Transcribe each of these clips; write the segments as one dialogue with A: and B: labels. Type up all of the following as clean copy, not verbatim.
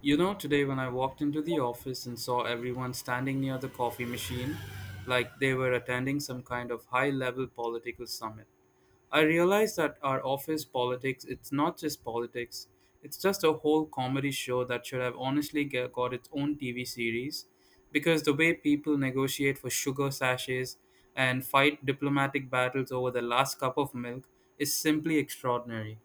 A: You know, today when I walked into the office and saw everyone standing near the coffee machine, like they were attending some kind of high level political summit, I realized that our office politics, it's not just politics, it's just a whole comedy show that should have honestly got its own TV series because the way people negotiate for sugar sachets and fight diplomatic battles over the last cup of milk is simply extraordinary.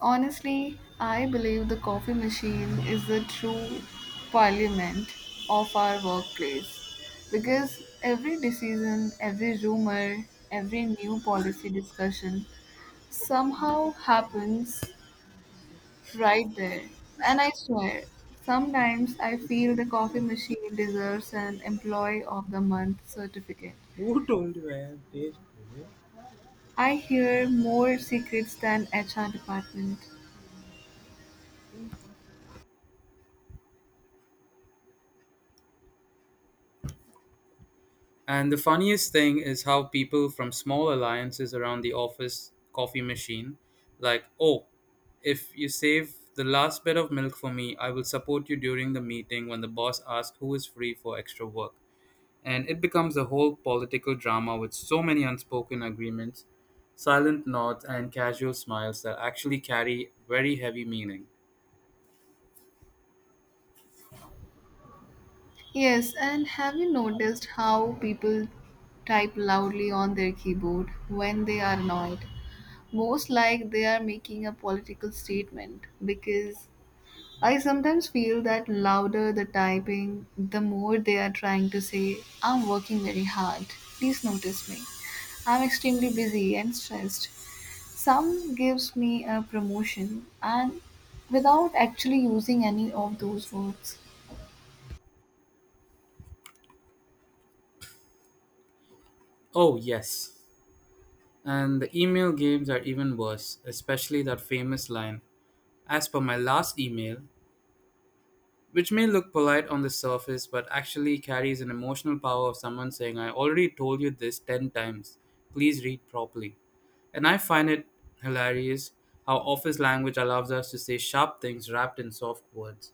B: Honestly, I believe the coffee machine is the true parliament of our workplace because every decision, every rumor, every new policy discussion somehow happens right there. And I swear, sometimes I feel the coffee machine deserves an Employee of the Month certificate.
A: Who don't you have, this?
B: I hear more secrets than HR department.
A: And the funniest thing is how people from small alliances around the office coffee machine, like, oh, if you save the last bit of milk for me, I will support you during the meeting when the boss asks who is free for extra work. And it becomes a whole political drama with so many unspoken agreements, silent nods, and casual smiles that actually carry very heavy meaning.
B: Yes, and have you noticed how people type loudly on their keyboard when they are annoyed? Most like they are making a political statement because I sometimes feel that louder the typing, the more they are trying to say, I'm working very hard. Please notice me. I'm extremely busy and stressed. Some gives me a promotion and without actually using any of those words.
A: Oh, yes. And the email games are even worse, especially that famous line, as per my last email, which may look polite on the surface but actually carries an emotional power of someone saying, I already told you this 10 times, please read properly. And I find it hilarious how office language allows us to say sharp things wrapped in soft words.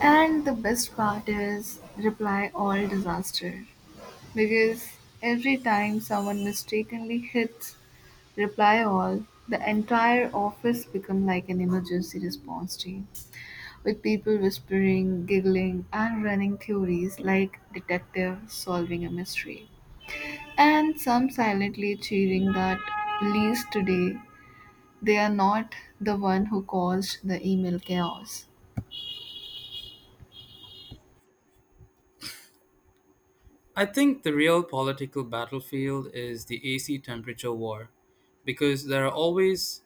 B: And the best part is reply all disaster. Because every time someone mistakenly hits reply all, the entire office become like an emergency response team. With people whispering, giggling and running theories like detective solving a mystery. And some silently cheering that least today they are not the one who caused the email chaos.
A: I think the real political battlefield is the AC temperature war because there are always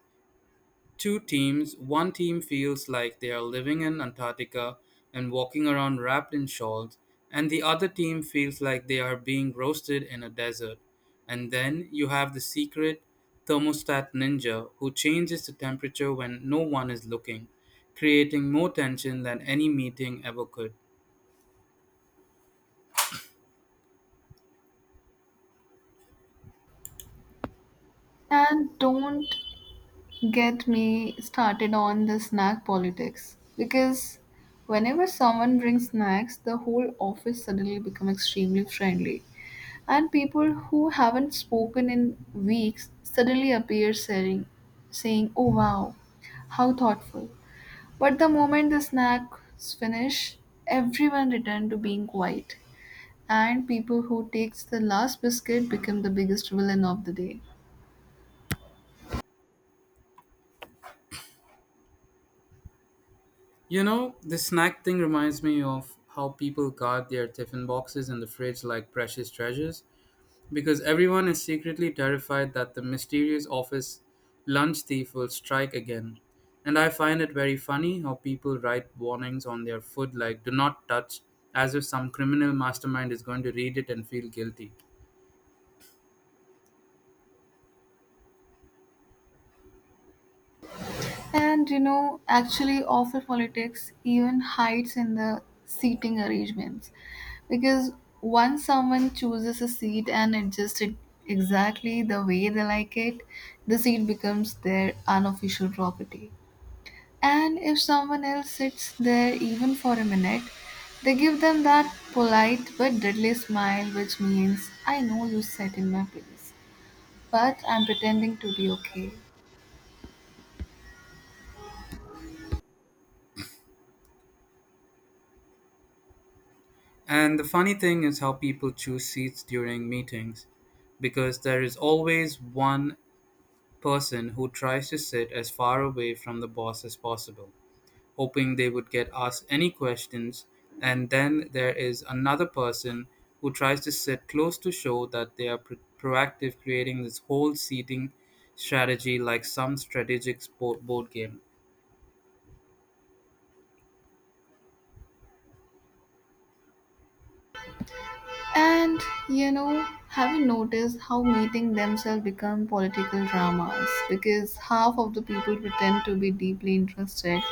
A: two teams. One team feels like they are living in Antarctica and walking around wrapped in shawls, and the other team feels like they are being roasted in a desert. And then you have the secret thermostat ninja who changes the temperature when no one is looking, creating more tension than any meeting ever could.
B: And don't get me started on the snack politics because whenever someone brings snacks, the whole office suddenly becomes extremely friendly and people who haven't spoken in weeks suddenly appear saying oh wow, how thoughtful, but the moment the snacks finish everyone return to being quiet and people who takes the last biscuit become the biggest villain of the day.
A: You know, the snack thing reminds me of how people guard their tiffin boxes in the fridge like precious treasures, because everyone is secretly terrified that the mysterious office lunch thief will strike again. And I find it very funny how people write warnings on their food like do not touch, as if some criminal mastermind is going to read it and feel guilty.
B: And you know, actually, office politics even hides in the seating arrangements because once someone chooses a seat and adjusts it exactly the way they like it, the seat becomes their unofficial property. And if someone else sits there even for a minute, they give them that polite but deadly smile, which means, I know you sat in my place, but I'm pretending to be okay.
A: And the funny thing is how people choose seats during meetings, because there is always one person who tries to sit as far away from the boss as possible, hoping they would get asked any questions, and then there is another person who tries to sit close to show that they are proactive, creating this whole seating strategy like some strategic sport board game.
B: And you know, have you noticed how meeting themselves become political dramas? Because half of the people pretend to be deeply interested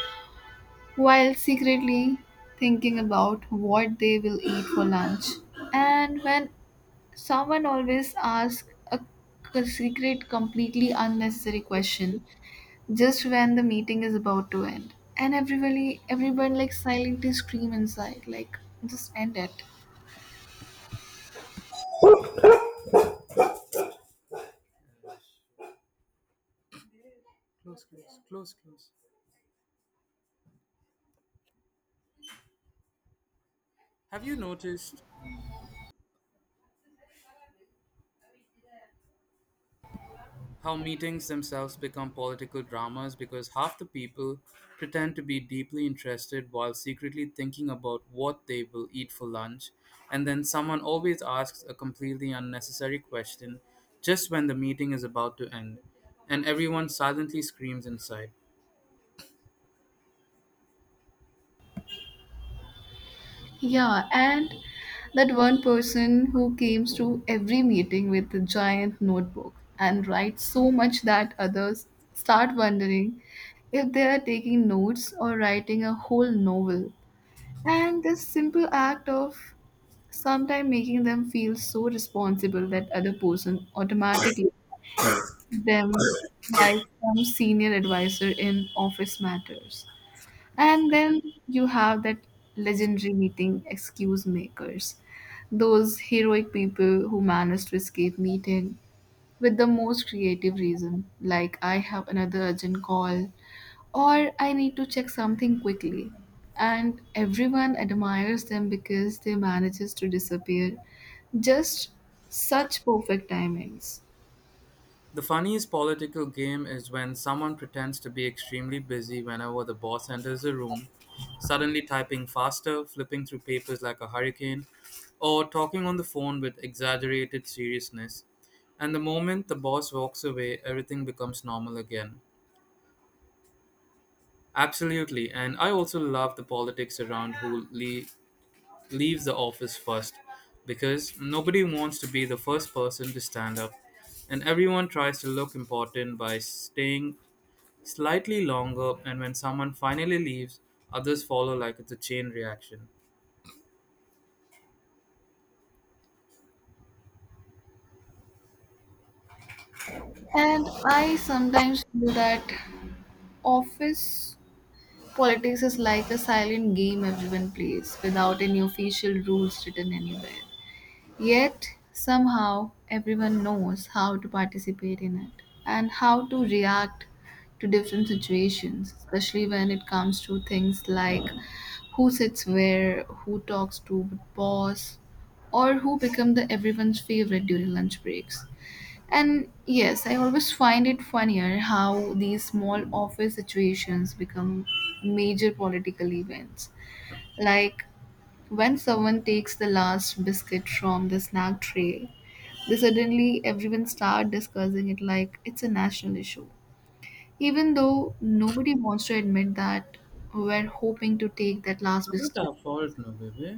B: while secretly thinking about what they will eat for lunch. And when someone always asks a secret, completely unnecessary question just when the meeting is about to end, and everyone like silently scream inside, like just end it.
A: Close, close, close, close. Have you noticed how meetings themselves become political dramas because half the people pretend to be deeply interested while secretly thinking about what they will eat for lunch, and then someone always asks a completely unnecessary question just when the meeting is about to end, and everyone silently screams inside.
B: Yeah, and that one person who comes to every meeting with a giant notebook and writes so much that others start wondering if they are taking notes or writing a whole novel. And this simple act of sometimes making them feel so responsible that other person automatically them like some senior advisor in office matters. And then you have that legendary meeting excuse makers, those heroic people who manage to escape meeting with the most creative reason, like I have another urgent call or I need to check something quickly. And everyone admires them because they manages to disappear. Just such perfect timings.
A: The funniest political game is when someone pretends to be extremely busy whenever the boss enters the room, suddenly typing faster, flipping through papers like a hurricane, or talking on the phone with exaggerated seriousness. And the moment the boss walks away, everything becomes normal again. Absolutely, and I also love the politics around who leaves the office first, because nobody wants to be the first person to stand up, and everyone tries to look important by staying slightly longer, and when someone finally leaves, others follow like it's a chain reaction.
B: And I sometimes feel that office politics is like a silent game everyone plays without any official rules written anywhere. Yet, somehow, everyone knows how to participate in it and how to react to different situations, especially when it comes to things like who sits where, who talks to what boss, or who become the everyone's favorite during lunch breaks. And yes, I always find it funnier how these small office situations become major political events. Like when someone takes the last biscuit from the snack tray, they suddenly everyone start discussing it like it's a national issue. Even though nobody wants to admit that we're hoping to take that last
A: It's not
B: biscuit.
A: our fault, no baby.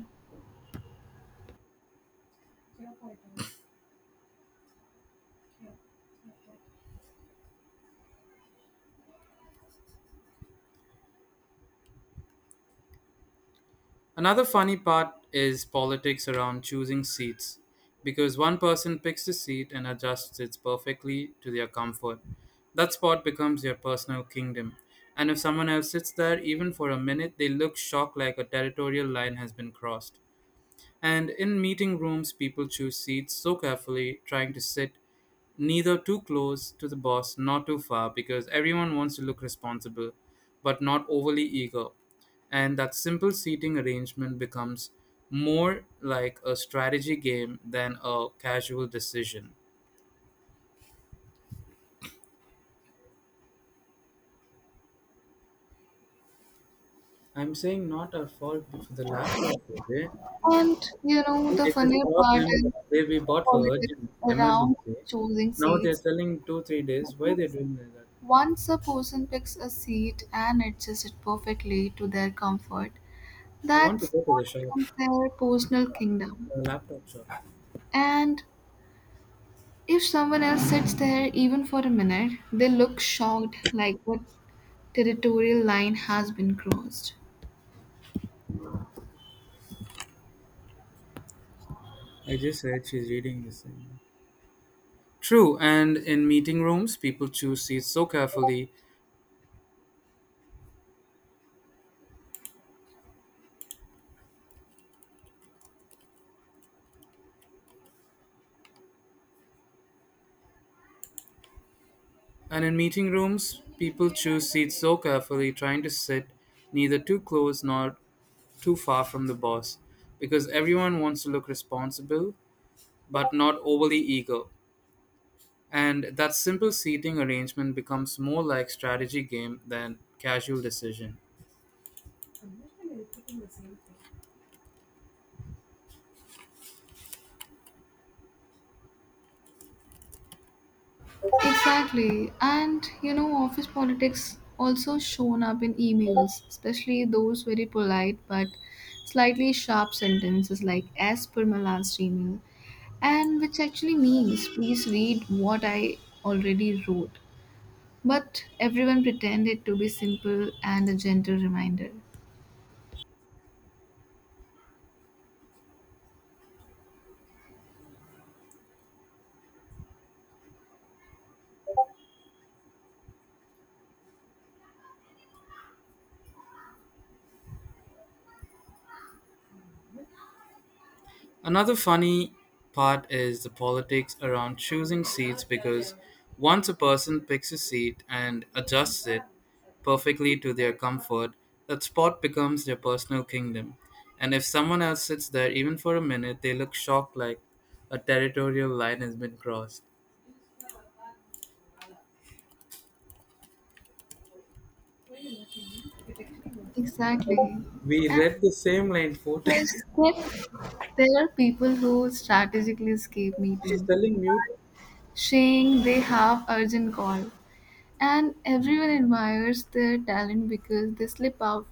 A: Another funny part is politics around choosing seats, because one person picks a seat and adjusts it perfectly to their comfort. That spot becomes their personal kingdom, and if someone else sits there even for a minute, they look shocked like a territorial line has been crossed. And in meeting rooms, people choose seats so carefully, trying to sit neither too close to the boss nor too far, because everyone wants to look responsible but not overly eager. And that simple seating arrangement becomes more like a strategy game than a casual decision. I'm saying not our fault for the laptop, Vijay.
B: And you know, the
A: It is
B: funny part
A: problem
B: is
A: that they we bought for
B: politics
A: urgent
B: around
A: emergency.
B: choosing
A: Now they're
B: seats
A: telling 2, 3 days. Why they're
B: because
A: doing like that?
B: once a person picks a seat and adjusts it perfectly to their comfort,
A: I want to
B: that's
A: go to
B: what
A: the shop,
B: becomes their personal kingdom.
A: the laptop shop.
B: And if someone else sits there even for a minute, they look shocked like what territorial line has been crossed.
A: I just heard she's reading this thing. True, and in meeting rooms, people choose seats so carefully. And in meeting rooms, people choose seats so carefully, trying to sit neither too close nor too far from the boss, because everyone wants to look responsible but not overly eager. And that simple seating arrangement becomes more like strategy game than casual decision.
B: Exactly. And you know, office politics also shown up in emails, especially those very polite but slightly sharp sentences like as per my last email. And which actually means please read what I already wrote. But everyone pretended to be simple and a gentle reminder.
A: Another funny part is the politics around choosing seats because once a person picks a seat and adjusts it perfectly to their comfort, that spot becomes their personal kingdom. And if someone else sits there even for a minute, they look shocked like a territorial line has been crossed.
B: Exactly.
A: We
B: And
A: read the same line four
B: yes,
A: times.
B: yes, there are people who strategically escape
A: She's
B: meetings,
A: telling mute.
B: saying they have urgent call. And everyone admires their talent because they slip out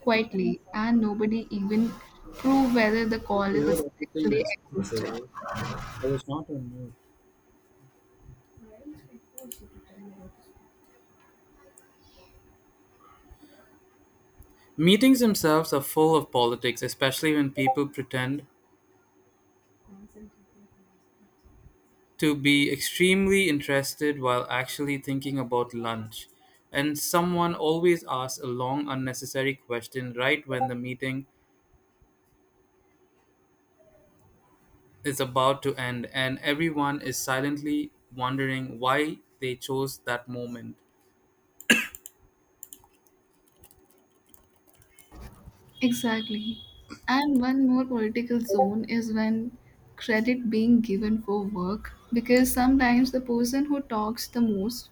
B: quietly and nobody even prove whether the call is
A: "You heard everything
B: actually
A: I spoke with,
B: existed.
A: eh? I was not on mute." Meetings themselves are full of politics, especially when people pretend to be extremely interested while actually thinking about lunch. And someone always asks a long, unnecessary question right when the meeting is about to end, and everyone is silently wondering why they chose that moment.
B: Exactly. And one more political zone is when credit being given for work because sometimes the person who talks the most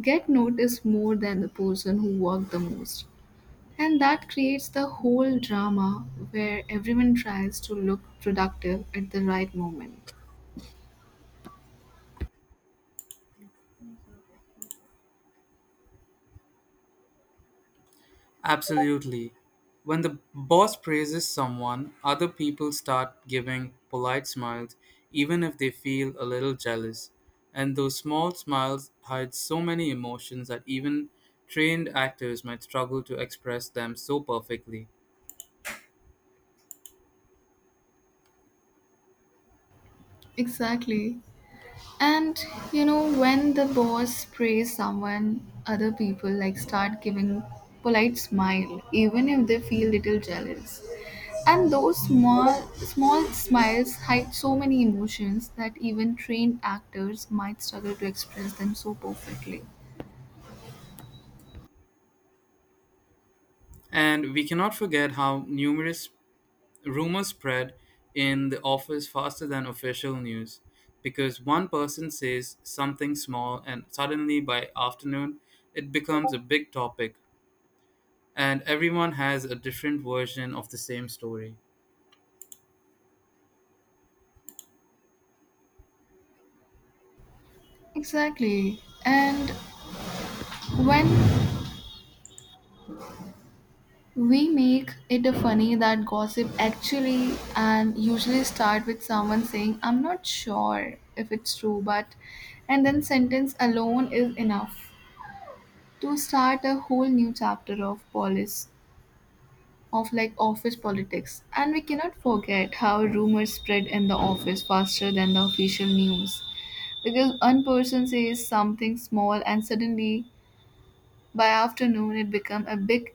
B: get noticed more than the person who worked the most. And that creates the whole drama where everyone tries to look productive at the right moment.
A: Absolutely. When the boss praises someone, other people start giving polite smiles, even if they feel a little jealous. And those small smiles hide so many emotions that even trained actors might struggle to express them so perfectly.
B: Exactly. And you know, when the boss praise someone, other people like start giving polite smile, even if they feel little jealous. And those small smiles hide so many emotions that even trained actors might struggle to express them so perfectly.
A: And we cannot forget how numerous rumors spread in the office faster than official news, because one person says something small and suddenly by afternoon it becomes a big topic, and everyone has a different version of the same story.
B: Exactly. And when we make it a funny that gossip actually and usually start with someone saying, I'm not sure if it's true, but and then sentence alone is enough to start a whole new chapter of police of like office politics. And we cannot forget how rumors spread in the office faster than the official news. Because one person says something small and suddenly by afternoon, it became a big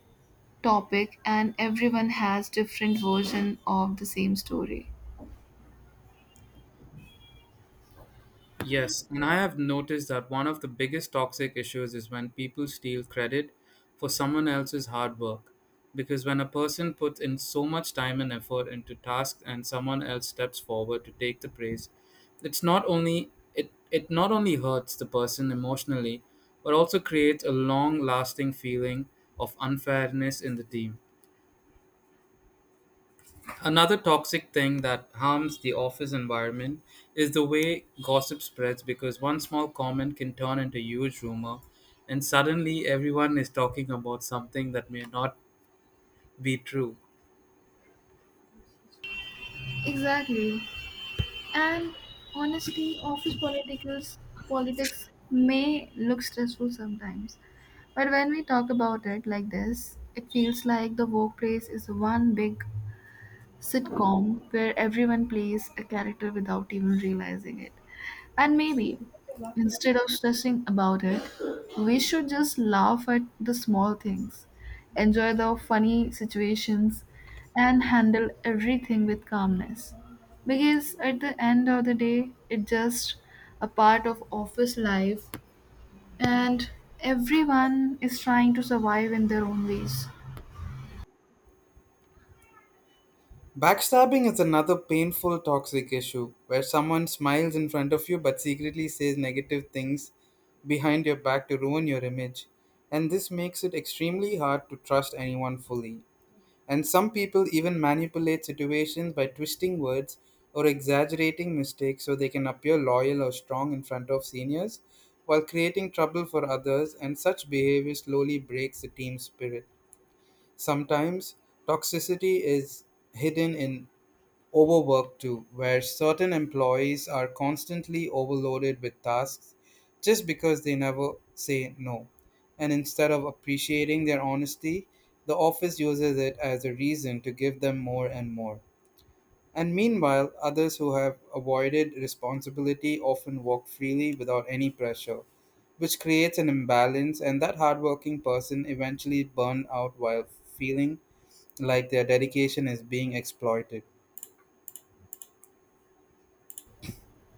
B: topic, and everyone has different version of the same story.
A: Yes, and I have noticed that one of the biggest toxic issues is when people steal credit for someone else's hard work. Because when a person puts in so much time and effort into tasks and someone else steps forward to take the praise, it not only hurts the person emotionally, but also creates a long lasting feeling of unfairness in the team. Another toxic thing that harms the office environment is the way gossip spreads, because one small comment can turn into huge rumor and suddenly everyone is talking about something that may not be true.
B: Exactly. And honestly, office politicals politics may look stressful sometimes. But when we talk about it like this, it feels like the workplace is one big sitcom where everyone plays a character without even realizing it. And maybe, instead of stressing about it, we should just laugh at the small things, enjoy the funny situations, and handle everything with calmness. Because at the end of the day, it's just a part of office life, and everyone is trying to survive in their own ways.
A: Backstabbing is another painful toxic issue where someone smiles in front of you but secretly says negative things behind your back to ruin your image, and this makes it extremely hard to trust anyone fully. And some people even manipulate situations by twisting words or exaggerating mistakes so they can appear loyal or strong in front of seniors while creating trouble for others, and such behavior slowly breaks the team's spirit. Sometimes toxicity is hidden in overwork too, where certain employees are constantly overloaded with tasks just because they never say no. And instead of appreciating their honesty, the office uses it as a reason to give them more and more. And meanwhile, others who have avoided responsibility often walk freely without any pressure, which creates an imbalance, and that hardworking person eventually burn out while feeling like their dedication is being exploited.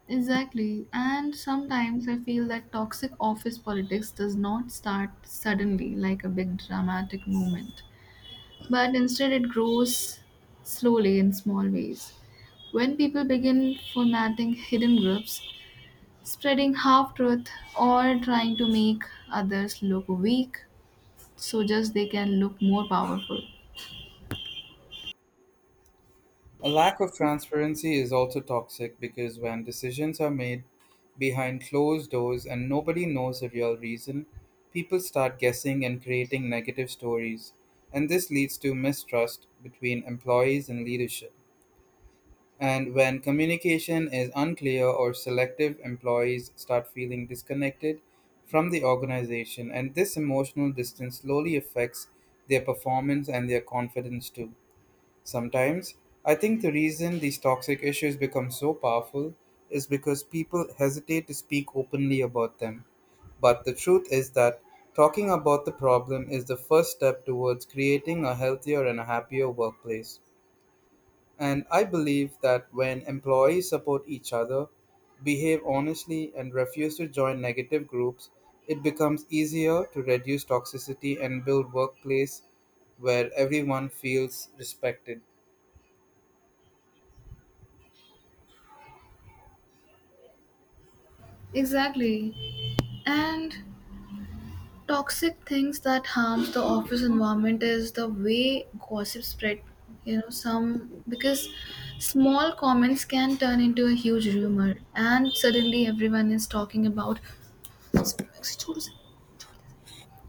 B: Exactly. And sometimes I feel that toxic office politics does not start suddenly like a big dramatic movement, but instead it grows slowly in small ways. When people begin formatting hidden groups, spreading half truth, or trying to make others look weak so just they can look more powerful.
A: A lack of transparency is also toxic because when decisions are made behind closed doors and nobody knows the real reason, people start guessing and creating negative stories. And this leads to mistrust between employees and leadership. And when communication is unclear or selective, employees start feeling disconnected from the organization, and this emotional distance slowly affects their performance and their confidence too. Sometimes, I think the reason these toxic issues become so powerful is because people hesitate to speak openly about them. But the truth is that talking about the problem is the first step towards creating a healthier and a happier workplace. And I believe that when employees support each other, behave honestly, and refuse to join negative groups, it becomes easier to reduce toxicity and build workplace where everyone feels respected.
B: Exactly. And toxic things that harms the office environment is the way gossip spread, you know, some because small comments can turn into a huge rumor and suddenly everyone is talking about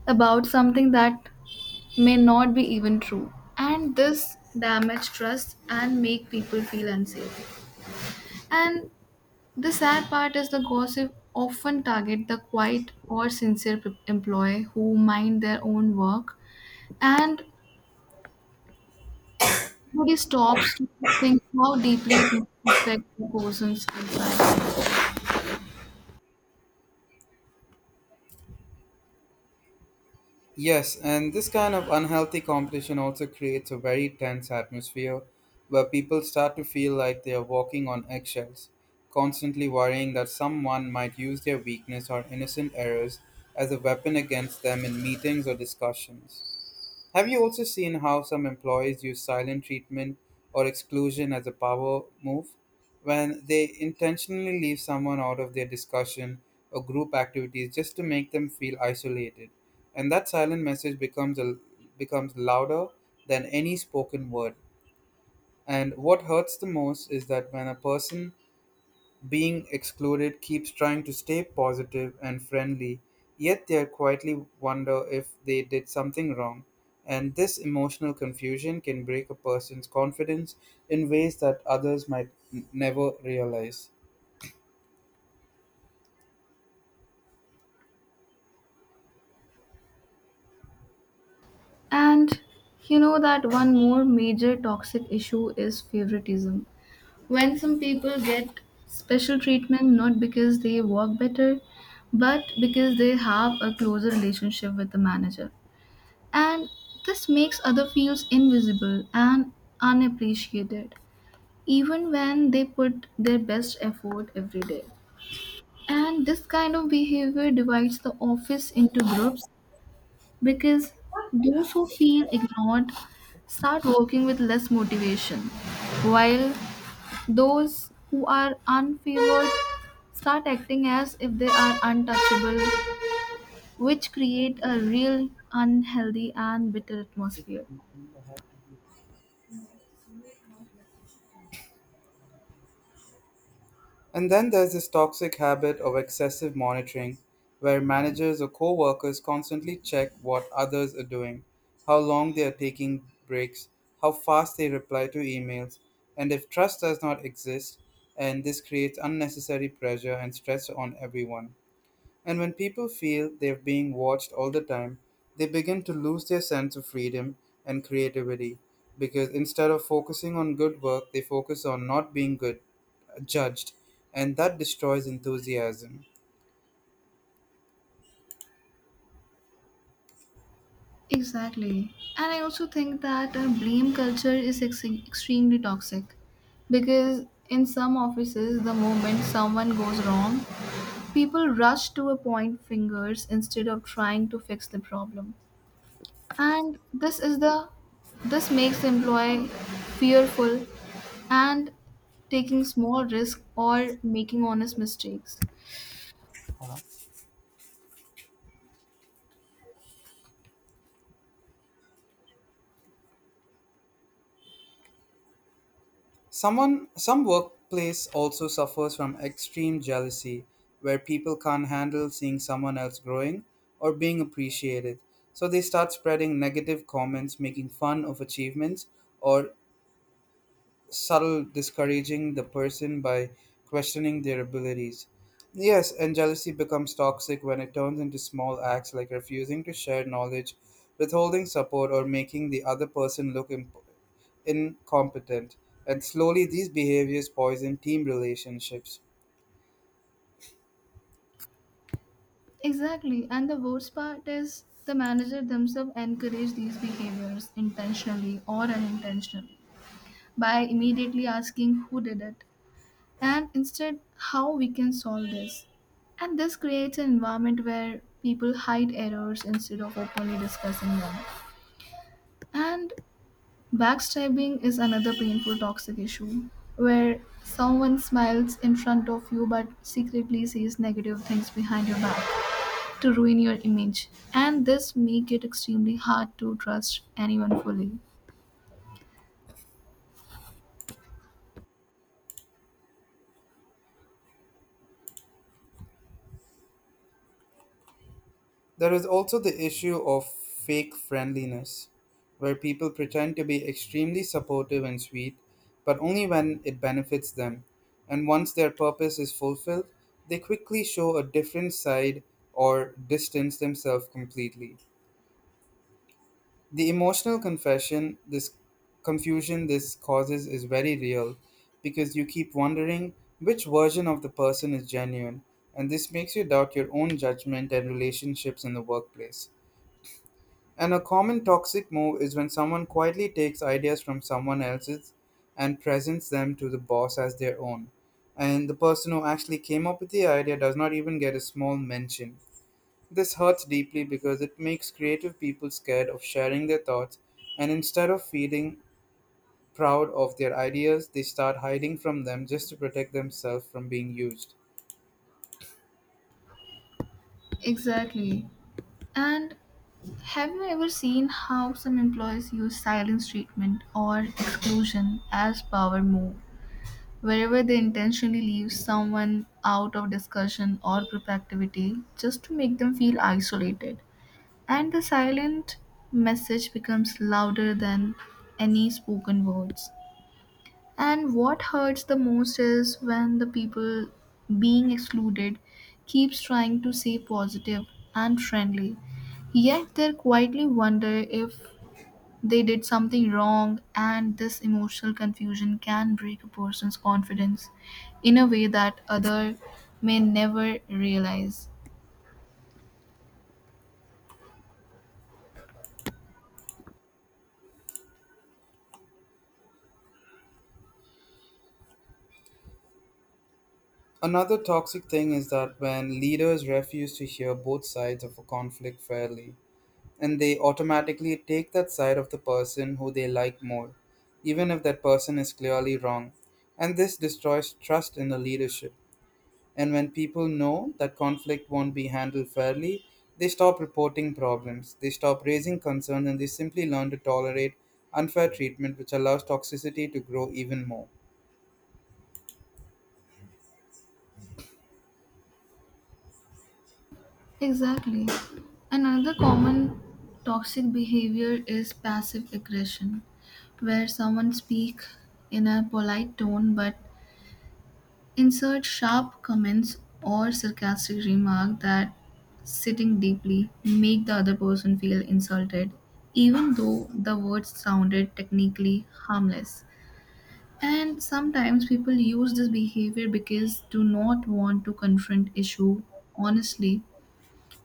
B: about something that may not be even true, and this damage trust and make people feel unsafe, and the sad part is the gossip often target the quiet or sincere employee who mind their own work, and nobody stops to think how deeply it must affect the person's life.
A: Yes, and this kind of unhealthy competition also creates a very tense atmosphere where people start to feel like they are walking on eggshells, constantly worrying that someone might use their weakness or innocent errors as a weapon against them in meetings or discussions. Have you also seen how some employees use silent treatment or exclusion as a power move? When they intentionally leave someone out of their discussion or group activities just to make them feel isolated. And that silent message becomes louder than any spoken word. And what hurts the most is that when a person being excluded keeps trying to stay positive and friendly, yet they quietly wonder if they did something wrong. And this emotional confusion can break a person's confidence in ways that others might never realize.
B: And you know that one more major toxic issue is favoritism. When some people get special treatment not because they work better, but because they have a closer relationship with the manager. And this makes other feels invisible and unappreciated, even when they put their best effort every day. And this kind of behavior divides the office into groups because those who feel ignored start working with less motivation, while those who are unfavored start acting as if they are untouchable, which create a real unhealthy and bitter atmosphere.
A: And then there's this toxic habit of excessive monitoring, where managers or co workers constantly check what others are doing, how long they are taking breaks, how fast they reply to emails, and if trust does not exist, and this creates unnecessary pressure and stress on everyone. And when people feel they're being watched all the time, they begin to lose their sense of freedom and creativity, because instead of focusing on good work, they focus on not being good judged, and that destroys enthusiasm.
B: Exactly. And I also think that blame culture is extremely toxic because in some offices, the moment someone goes wrong, people rush to a point fingers instead of trying to fix the problem. And this makes the employee fearful and taking small risks or making honest mistakes.
A: Some workplace also suffers from extreme jealousy where people can't handle seeing someone else growing or being appreciated. So they start spreading negative comments, making fun of achievements, or subtle discouraging the person by questioning their abilities. Yes, and jealousy becomes toxic when it turns into small acts like refusing to share knowledge, withholding support, or making the other person look incompetent. And slowly, these behaviors poison team relationships.
B: Exactly. And the worst part is the manager themselves encourage these behaviors intentionally or unintentionally by immediately asking who did it and instead how we can solve this. And this creates an environment where people hide errors instead of openly discussing them. And backstabbing is another painful toxic issue where someone smiles in front of you but secretly says negative things behind your back to ruin your image, and this make it extremely hard to trust anyone fully.
A: There is also the issue of fake friendliness, where people pretend to be extremely supportive and sweet, but only when it benefits them. And once their purpose is fulfilled, they quickly show a different side or distance themselves completely. This confusion this causes is very real, because you keep wondering which version of the person is genuine, and this makes you doubt your own judgment and relationships in the workplace. And a common toxic move is when someone quietly takes ideas from someone else's and presents them to the boss as their own. And the person who actually came up with the idea does not even get a small mention. This hurts deeply because it makes creative people scared of sharing their thoughts, and instead of feeling proud of their ideas, they start hiding from them just to protect themselves from being used.
B: Exactly. And have you ever seen how some employees use silence treatment or exclusion as power move, wherever they intentionally leave someone out of discussion or group activity just to make them feel isolated? And the silent message becomes louder than any spoken words. And what hurts the most is when the people being excluded keeps trying to stay positive and friendly, yet they quietly wonder if they did something wrong, and this emotional confusion can break a person's confidence in a way that other may never realize.
A: Another toxic thing is that when leaders refuse to hear both sides of a conflict fairly, and they automatically take that side of the person who they like more, even if that person is clearly wrong. And this destroys trust in the leadership. And when people know that conflict won't be handled fairly, they stop reporting problems, they stop raising concerns, and they simply learn to tolerate unfair treatment, which allows toxicity to grow even more.
B: Exactly. And another common toxic behavior is passive aggression, where someone speak in a polite tone but insert sharp comments or sarcastic remark that sitting deeply make the other person feel insulted, even though the words sounded technically harmless, and sometimes people use this behavior because do not want to confront issue honestly,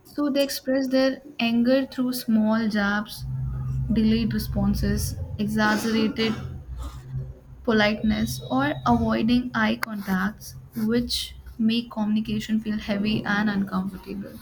B: so they express their anger through small jabs, delayed responses, exaggerated politeness, or avoiding eye contacts, which make communication feel heavy and uncomfortable.